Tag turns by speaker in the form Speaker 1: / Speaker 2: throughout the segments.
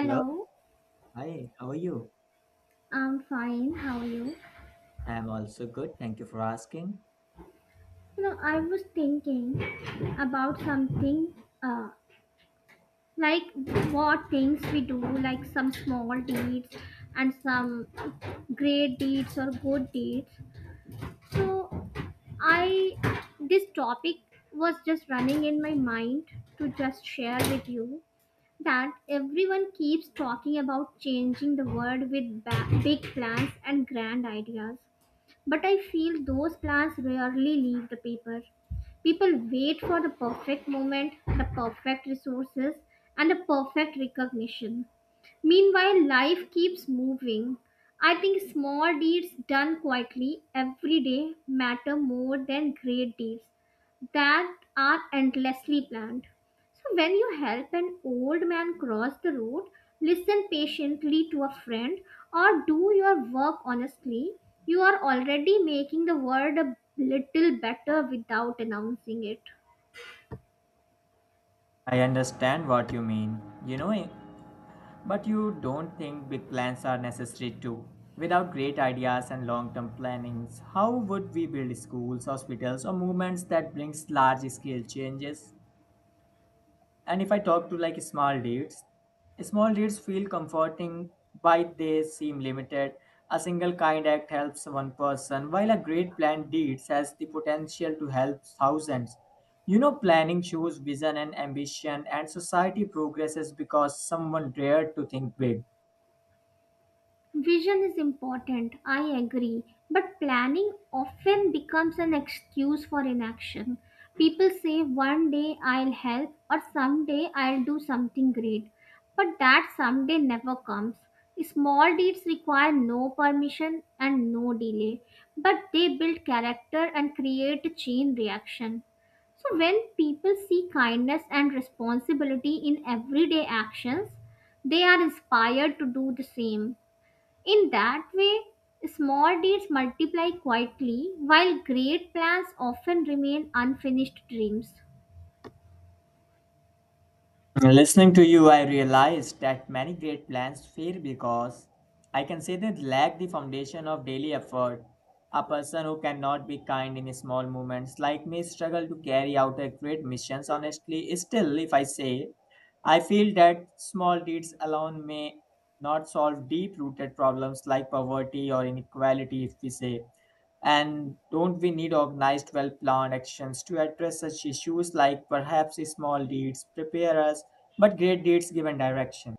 Speaker 1: Hello. Hi, how are you?
Speaker 2: I'm fine. How are you?
Speaker 1: I am also good. Thank you for asking.
Speaker 2: You know, I was thinking about something, uh, like what things we do, like some small deeds and some great deeds or good deeds. So, I, this topic was just running in my mind to just share with you that everyone keeps talking about changing the world with big plans and grand ideas. But I feel those plans rarely leave the paper. People wait for the perfect moment, the perfect resources, and the perfect recognition. Meanwhile, life keeps moving. I think small deeds done quietly every day matter more than great deeds that are endlessly planned. So, when you help an old man cross the road, listen patiently to a friend, or do your work honestly, you are already making the world a little better without announcing it.
Speaker 1: I understand what you mean, you know, eh, but you don't think big plans are necessary too. Without great ideas and long-term plannings, how would we build schools, hospitals, or movements that brings large-scale changes? And if I talk to, like, small deeds, small deeds feel comforting, but they seem limited. A single kind act helps one person, while a great planned deeds has the potential to help thousands. You know, planning shows vision and ambition, and society progresses because someone dared to think big.
Speaker 2: Vision is important, I agree, but planning often becomes an excuse for inaction. People say one day I'll help or someday I'll do something great, but that someday never comes. Small deeds require no permission and no delay, but they build character and create a chain reaction. So, when people see kindness and responsibility in everyday actions, they are inspired to do the same. In that way, small deeds multiply quietly, while great plans often remain unfinished dreams.
Speaker 1: Listening to you, I realized that many great plans fail because I can say they lack the foundation of daily effort. A person who cannot be kind in small moments like me struggle to carry out a great missions honestly. Still, if I say, I feel that small deeds alone may not solve deep-rooted problems like poverty or inequality, if we say. And don't we need organized, well planned actions to address such issues like perhaps small deeds prepare us but great deeds give and direction.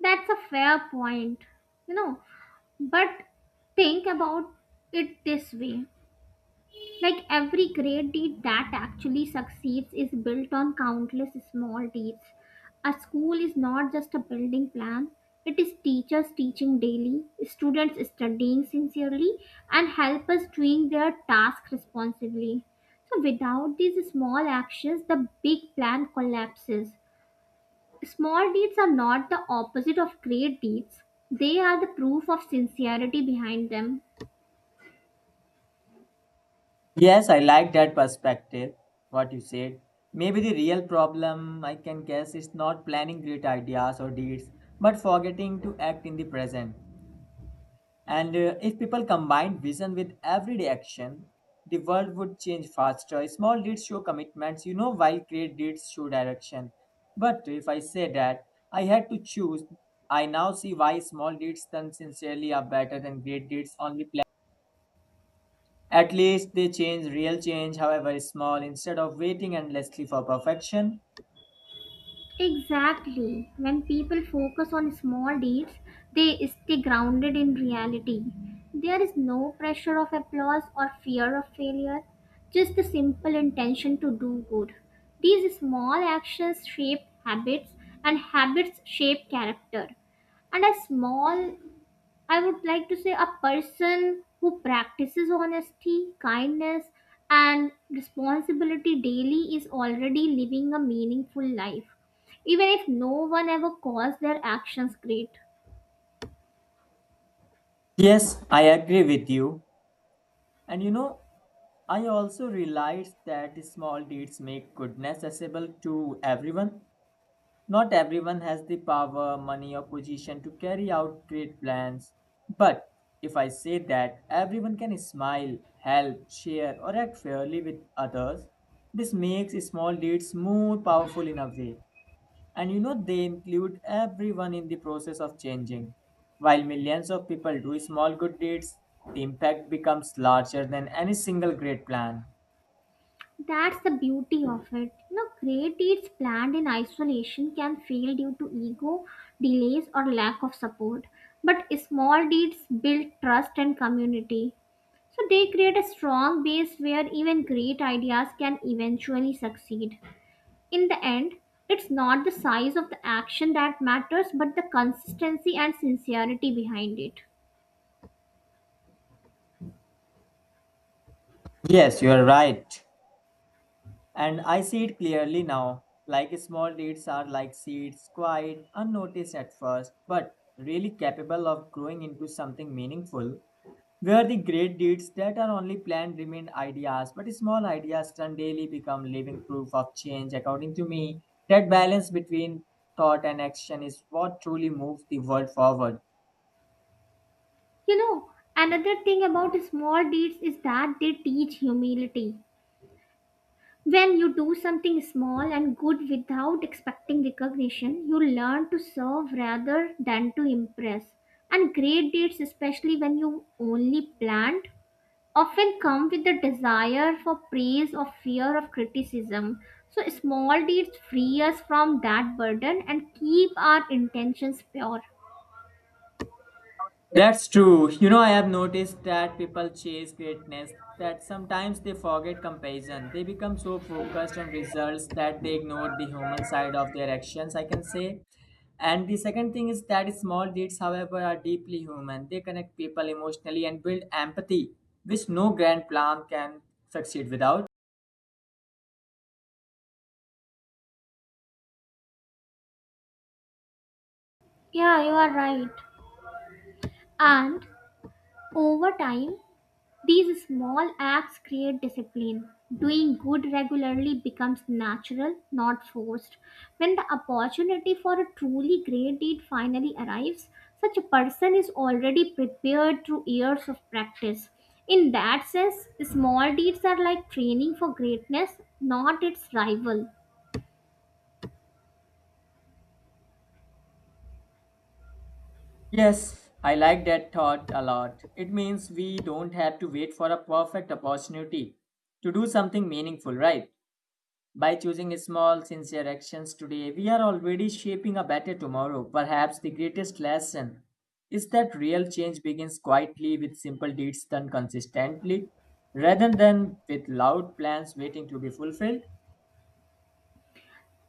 Speaker 2: That's a fair point, you know. But think about it this way. Like, every great deed that actually succeeds is built on countless small deeds. A school is not just a building plan, it is teachers teaching daily, students studying sincerely, and helpers doing their task responsibly. So, without these small actions, the big plan collapses. Small deeds are not the opposite of great deeds, they are the proof of sincerity behind them.
Speaker 1: Yes, I like that perspective, what you said. Maybe the real problem, I can guess, is not planning great ideas or deeds, but forgetting to act in the present. And if people combine vision with everyday action, the world would change faster. Small deeds show commitments, while great deeds show direction. But if I say that I had to choose, I now see why small deeds done sincerely are better than great deeds only planned. At least they change real change, however is small, instead of waiting endlessly for perfection.
Speaker 2: Exactly. When people focus on small deeds, they stay grounded in reality. There is no pressure of applause or fear of failure, just the simple intention to do good. These small actions shape habits, and habits shape character. And a small, I would like to say, a person who practices honesty, kindness, and responsibility daily is already living a meaningful life, even if no one ever calls their actions great.
Speaker 1: Yes, I agree with you. And you know, I also realized that the small deeds make goodness accessible to everyone. Not everyone has the power, money, or position to carry out great plans. But if I say that everyone can smile, help, share, or act fairly with others, this makes small deeds more powerful in a way. And you know, they include everyone in the process of changing. While millions of people do small good deeds, the impact becomes larger than any single great plan.
Speaker 2: That's the beauty of it. You know, great deeds planned in isolation can fail due to ego, delays, or lack of support. But small deeds build trust and community. So they create a strong base where even great ideas can eventually succeed. In the end, it's not the size of the action that matters, but the consistency and sincerity behind it.
Speaker 1: Yes, you are right. And I see it clearly now. Like small deeds are like seeds, quiet, unnoticed at first, but really capable of growing into something meaningful. Where the great deeds that are only planned remain ideas, but small ideas turn daily become living proof of change. According to me, that balance between thought and action is what truly moves the world forward.
Speaker 2: You know, another thing about small deeds is that they teach humility. When you do something small and good without expecting recognition, you learn to serve rather than to impress. And great deeds, especially when you only planned, often come with the desire for praise or fear of criticism. So, small deeds free us from that burden and keep our intentions pure.
Speaker 1: That's true. You know, I have noticed that people chase greatness, that sometimes they forget comparison. They become so focused on results that they ignore the human side of their actions, I can say. And the second thing is that small deeds, however, are deeply human. They connect people emotionally and build empathy, which no grand plan can succeed without.
Speaker 2: Yeah, you are right. And over time, these small acts create discipline. Doing good regularly becomes natural, not forced. When the opportunity for a truly great deed finally arrives, such a person is already prepared through years of practice. In that sense, small deeds are like training for greatness, not its rival.
Speaker 1: Yes, I like that thought a lot. It means we don't have to wait for a perfect opportunity to do something meaningful, right? By choosing small, sincere actions today, we are already shaping a better tomorrow. Perhaps the greatest lesson is that real change begins quietly with simple deeds done consistently rather than with loud plans waiting to be fulfilled.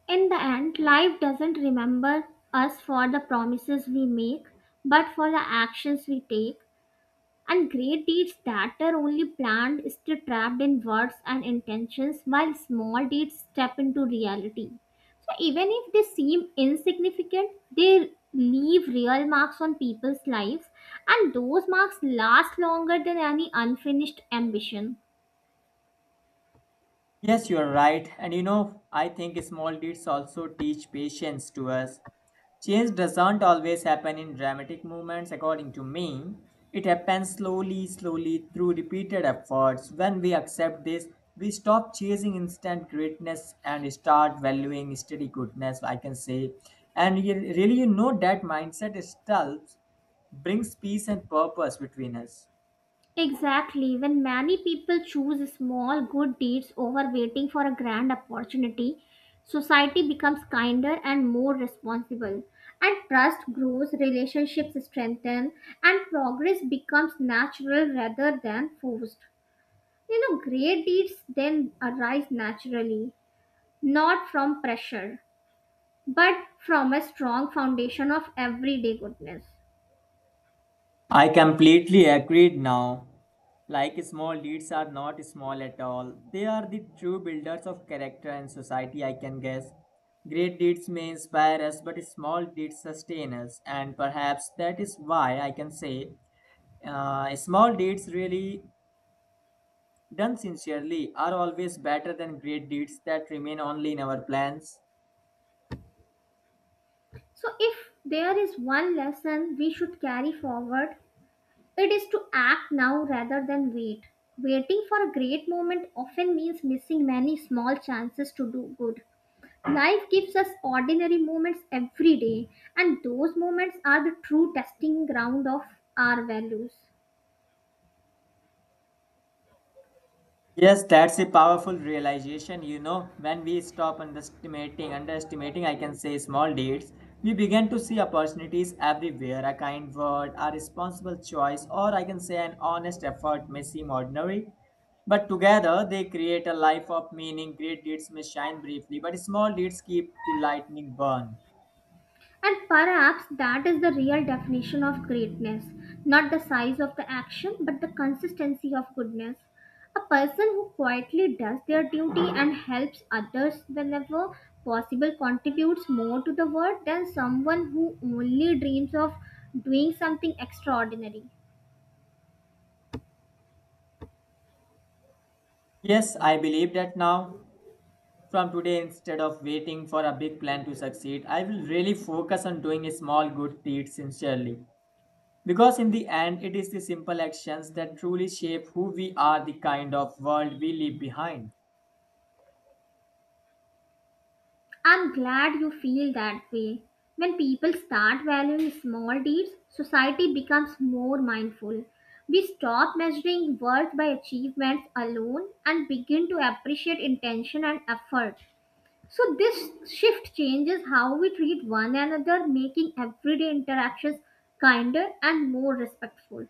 Speaker 2: In the end, life doesn't remember us for the promises we make, but for the actions we take. And great deeds that are only planned stay trapped in words and intentions, while small deeds step into reality. So even if they seem insignificant, they leave real marks on people's lives, and those marks last longer than any unfinished ambition.
Speaker 1: Yes, you are right. And you know, I think small deeds also teach patience to us. Change doesn't always happen in dramatic movements, according to me. It happens slowly, slowly through repeated efforts. When we accept this, we stop chasing instant greatness and start valuing steady goodness, I can say. And you, really, you know, that mindset itself brings peace and purpose between us.
Speaker 2: Exactly. When many people choose small good deeds over waiting for a grand opportunity, society becomes kinder and more responsible. And trust grows, relationships strengthen, and progress becomes natural rather than forced. You know, great deeds then arise naturally, not from pressure, but from a strong foundation of everyday goodness.
Speaker 1: I completely agreed now. Like small deeds are not small at all. They are the true builders of character and society, I can guess. Great deeds may inspire us, but small deeds sustain us, and perhaps that is why I can say small deeds, really done sincerely, are always better than great deeds that remain only in our plans.
Speaker 2: So, if there is one lesson we should carry forward, it is to act now rather than wait. Waiting for a great moment often means missing many small chances to do good. Life gives us ordinary moments every day, and those moments are the true testing ground of our values.
Speaker 1: Yes, that's a powerful realization. You know, when we stop underestimating, I can say small deeds, we begin to see opportunities everywhere. A kind word, a responsible choice, or I can say an honest effort may seem ordinary, but together they create a life of meaning. Great deeds may shine briefly, but small deeds keep the lightning burn.
Speaker 2: And perhaps that is the real definition of greatness, not the size of the action, but the consistency of goodness. A person who quietly does their duty and helps others whenever possible contributes more to the world than someone who only dreams of doing something extraordinary.
Speaker 1: Yes, I believe that now. From today, instead of waiting for a big plan to succeed, I will really focus on doing small good deeds sincerely. Because in the end, it is the simple actions that truly shape who we are, the kind of world we leave behind.
Speaker 2: I'm glad you feel that way. When people start valuing small deeds, society becomes more mindful. We stop measuring worth by achievements alone and begin to appreciate intention and effort. So, this shift changes how we treat one another, making everyday interactions kinder and more respectful.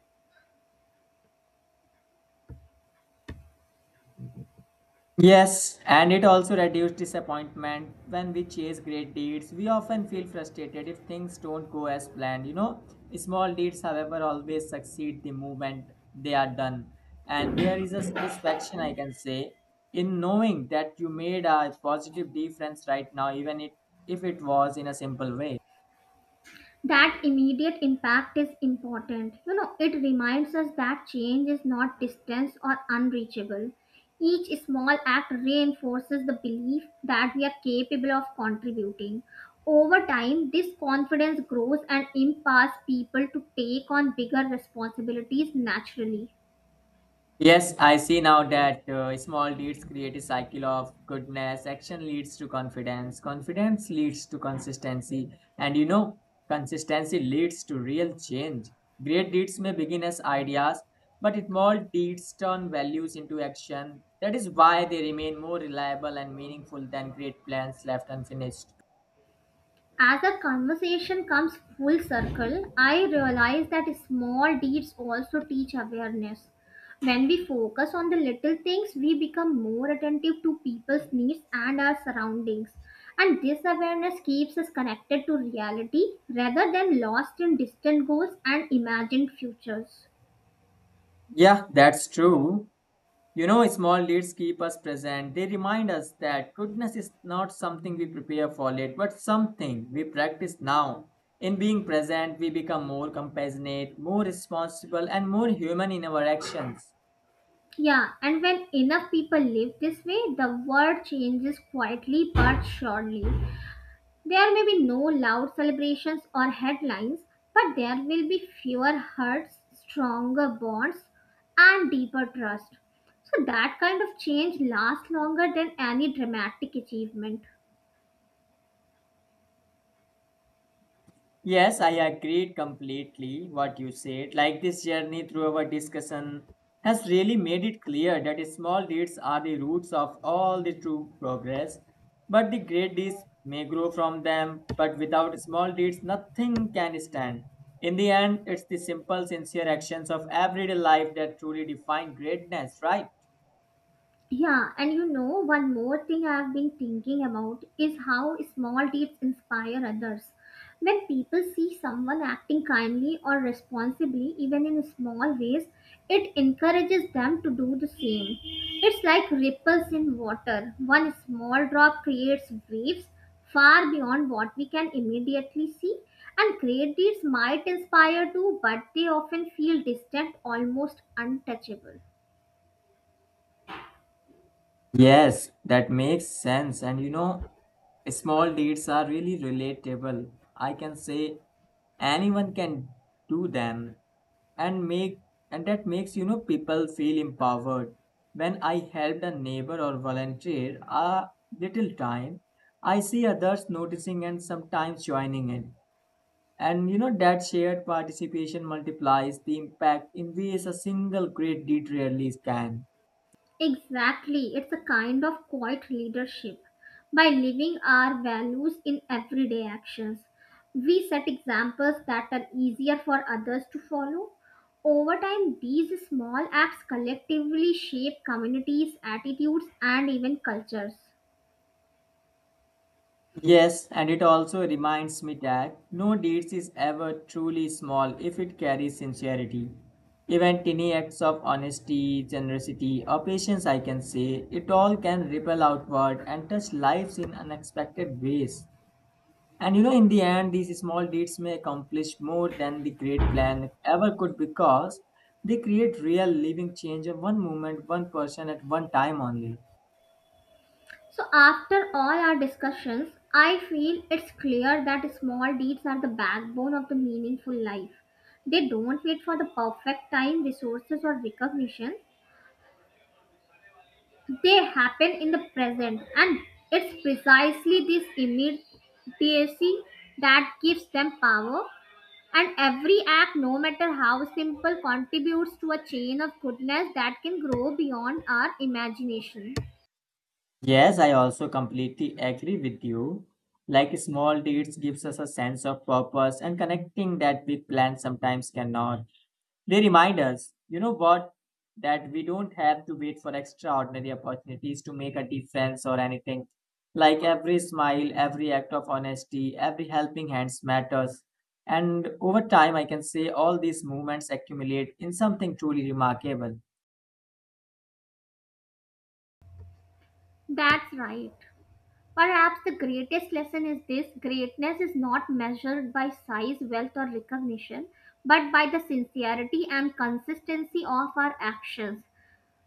Speaker 1: Yes, and it also reduces disappointment. When we chase great deeds, we often feel frustrated if things don't go as planned. You know, small deeds, however, always succeed the moment they are done. And there is a satisfaction, I can say, in knowing that you made a positive difference right now, if it was in a simple way.
Speaker 2: That immediate impact is important. You know, it reminds us that change is not distant or unreachable. Each small act reinforces the belief that we are capable of contributing. Over time, this confidence grows and empowers people to take on bigger responsibilities naturally.
Speaker 1: Yes, I see now that small deeds create a cycle of goodness. Action leads to confidence. Confidence leads to consistency. And you know, consistency leads to real change. Great deeds may begin as ideas, but small deeds turn values into action. That is why they remain more reliable and meaningful than great plans left unfinished.
Speaker 2: As the conversation comes full circle, I realize that small deeds also teach awareness. When we focus on the little things, we become more attentive to people's needs and our surroundings. And this awareness keeps us connected to reality rather than lost in distant goals and imagined futures.
Speaker 1: Yeah, that's true. You know, small leads keep us present. They remind us that goodness is not something we prepare for late, but something we practice now. In being present, we become more compassionate, more responsible, and more human in our actions.
Speaker 2: Yeah, and when enough people live this way, the world changes quietly but surely. There may be no loud celebrations or headlines, but there will be fewer hurts, stronger bonds, and deeper trust. So, that kind of change lasts longer than any dramatic achievement.
Speaker 1: Yes, I agreed completely what you said. Like this journey through our discussion has really made it clear that small deeds are the roots of all the true progress. But the great deeds may grow from them, but without small deeds, nothing can stand. In the end, it's the simple, sincere actions of everyday life that truly define greatness, right?
Speaker 2: Yeah, and you know, one more thing I've been thinking about is how small deeds inspire others. When people see someone acting kindly or responsibly, even in small ways, it encourages them to do the same. It's like ripples in water. One small drop creates waves far beyond what we can immediately see. And great deeds might inspire too, but they often feel distant, almost untouchable.
Speaker 1: Yes, that makes sense. And you know, small deeds are really relatable. I can say anyone can do them and make and that makes people feel empowered. When I help a neighbor or volunteer a little time, I see others noticing and sometimes joining in. And you know that shared participation multiplies the impact in ways a single great deed rarely can.
Speaker 2: Exactly, it's a kind of quiet leadership. By living our values in everyday actions, we set examples that are easier for others to follow. Over time, these small acts collectively shape communities, attitudes, and even cultures.
Speaker 1: Yes, and it also reminds me that no deeds is ever truly small if it carries sincerity. Even tiny acts of honesty, generosity, or patience, I can say, it all can ripple outward and touch lives in unexpected ways. And you know, in the end, these small deeds may accomplish more than the great plan ever could because they create real living change of one moment, one person at one time only.
Speaker 2: So, after all our discussions, I feel it's clear that small deeds are the backbone of the meaningful life. They don't wait for the perfect time, resources, or recognition. They happen in the present, and it's precisely this immediacy that gives them power. And every act, no matter how simple, contributes to a chain of goodness that can grow beyond our imagination.
Speaker 1: Yes, I also completely agree with you. Like small deeds gives us a sense of purpose and connecting that big plan sometimes cannot. They remind us, you know what, that we don't have to wait for extraordinary opportunities to make a difference or anything. Like every smile, every act of honesty, every helping hands matters. And over time, I can say all these movements accumulate in something truly remarkable.
Speaker 2: That's right. Perhaps the greatest lesson is this: greatness is not measured by size, wealth, or recognition, but by the sincerity and consistency of our actions.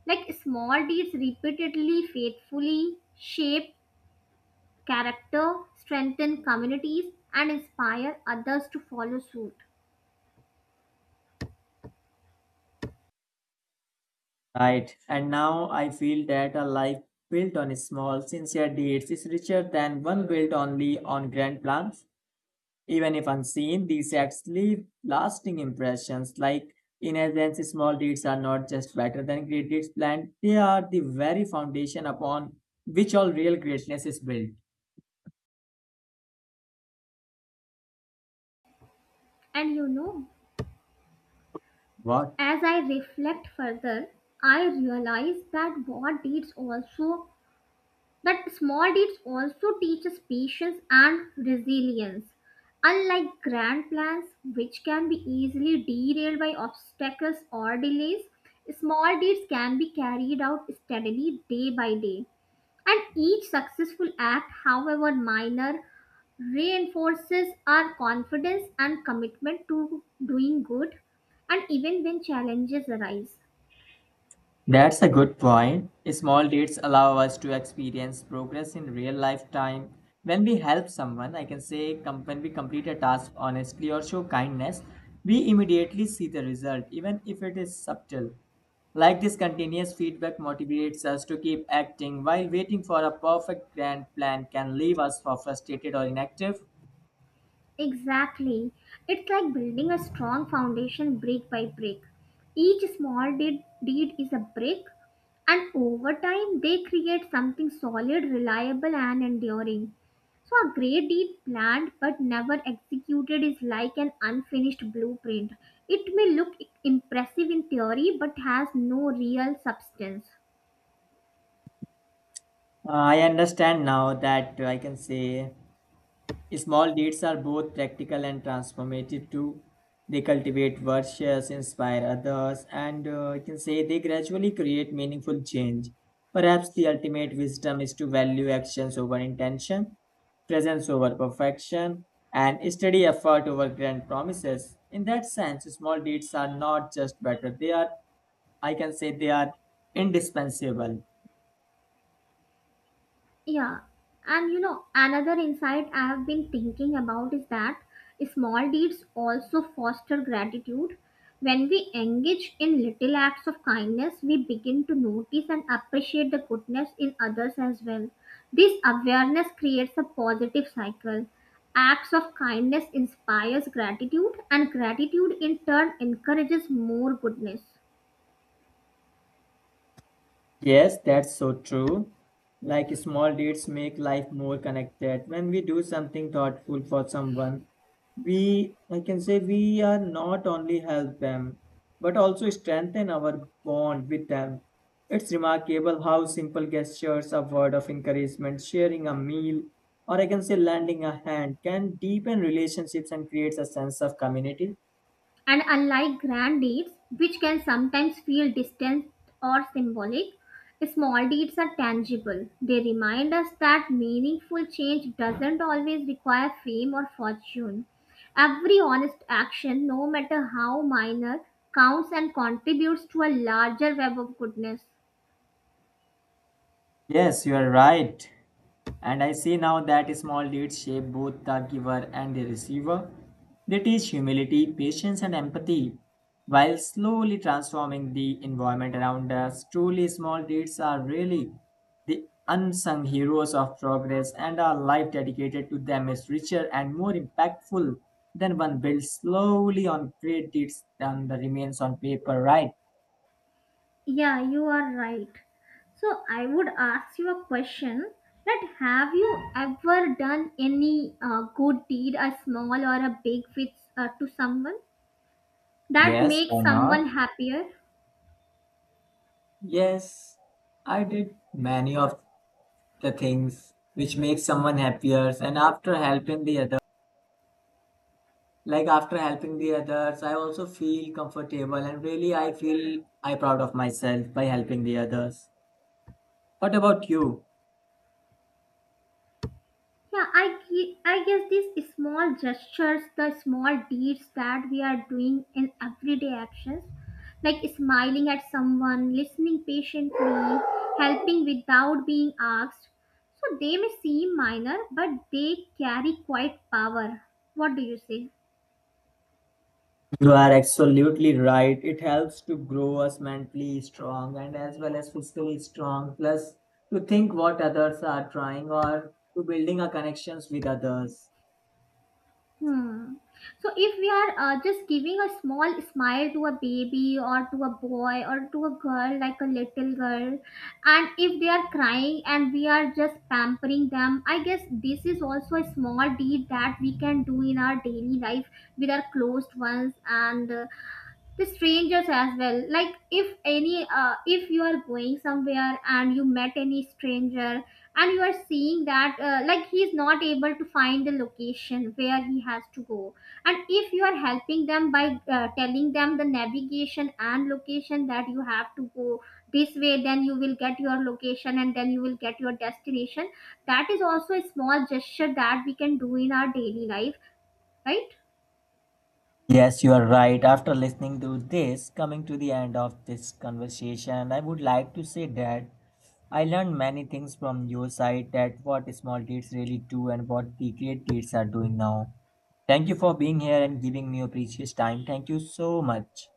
Speaker 2: Like small deeds repeatedly, faithfully shape character, strengthen communities, and inspire others to follow suit.
Speaker 1: Right. And now I feel that a life built on small, sincere deeds is richer than one built only on grand plans. Even if unseen, these acts leave lasting impressions. Like, in essence, small deeds are not just better than great deeds planned, they are the very foundation upon which all real greatness is built.
Speaker 2: And you know,
Speaker 1: What?
Speaker 2: as I reflect further, I realize that what deeds also, but small deeds also teach us patience and resilience. Unlike grand plans, which can be easily derailed by obstacles or delays, small deeds can be carried out steadily day by day. And each successful act, however minor, reinforces our confidence and commitment to doing good, and even when challenges arise.
Speaker 1: That's a good point. Small dates allow us to experience progress in real life time. When we help someone, I can say when we complete a task honestly or show kindness, we immediately see the result, even if it is subtle. Like this continuous feedback motivates us to keep acting while waiting for a perfect grand plan can leave us for frustrated or inactive.
Speaker 2: Exactly. It's like building a strong foundation brick by brick. Each small deed is a brick, and over time, they create something solid, reliable, and enduring. So, a great deed planned but never executed is like an unfinished blueprint. It may look impressive in theory but has no real substance.
Speaker 1: I understand now that I can say small deeds are both practical and transformative too. They cultivate virtues, inspire others, and you can say they gradually create meaningful change. Perhaps the ultimate wisdom is to value actions over intention, presence over perfection, and steady effort over grand promises. In that sense, small deeds are not just better, they are, I can say, they are indispensable.
Speaker 2: Yeah, and you know, another insight I have been thinking about is that small deeds also foster gratitude. When we engage in little acts of kindness, we begin to notice and appreciate the goodness in others as well. This awareness creates a positive cycle. Acts of kindness inspires gratitude, and gratitude in turn encourages more goodness.
Speaker 1: Yes, that's so true. Like small deeds make life more connected. When we do something thoughtful for someone, we I can say we are not only help them, but also strengthen our bond with them. It's remarkable how simple gestures, a word of encouragement, sharing a meal, or I can say lending a hand can deepen relationships and creates a sense of community.
Speaker 2: And unlike grand deeds, which can sometimes feel distant or symbolic, small deeds are tangible. They remind us that meaningful change doesn't always require fame or fortune. Every honest action, no matter how minor, counts and contributes to a larger web of goodness.
Speaker 1: Yes, you are right. And I see now that small deeds shape both the giver and the receiver. They teach humility, patience, and empathy, while slowly transforming the environment around us. Truly, small deeds are really the unsung heroes of progress, and our life dedicated to them is richer and more impactful than one built slowly on great deeds than the remains on paper, right?
Speaker 2: Yeah, you are right. So I would ask you a question, that have you ever done any good deed, a small or a big, with, to someone that
Speaker 1: Yes,
Speaker 2: makes
Speaker 1: why
Speaker 2: someone
Speaker 1: not?
Speaker 2: happier?
Speaker 1: Yes, I did many of the things which makes someone happier and after helping the others I also feel comfortable and really I feel I proud of myself by helping the others. What about you?
Speaker 2: Yeah, I, I guess these small gestures, the small deeds that we are doing in everyday actions, like smiling at someone, listening patiently, helping without being asked. So they may seem minor, but they carry quite power. What do you say?
Speaker 1: You are absolutely right, it helps to grow us mentally strong and as well as physically strong plus to think what others are trying or to building our connections with others.
Speaker 2: Hmm. So if we are just giving a small smile to a baby or to a boy or to a girl, like a little girl, and if they are crying and we are just pampering them, I guess this is also a small deed that we can do in our daily life with our closed ones and, with strangers as well, like if any, if you are going somewhere and you met any stranger and you are seeing that, like he is not able to find the location where he has to go, and if you are helping them by telling them the navigation and location that you have to go this way, then you will get your location and then you will get your destination. That is also a small gesture that we can do in our daily life, right?
Speaker 1: Yes, you are right. After listening to this, coming to the end of this conversation, I would like to say that I learned many things from your side that what small kids really do and what the great kids are doing now. Thank you for being here and giving me your precious time. Thank you so much.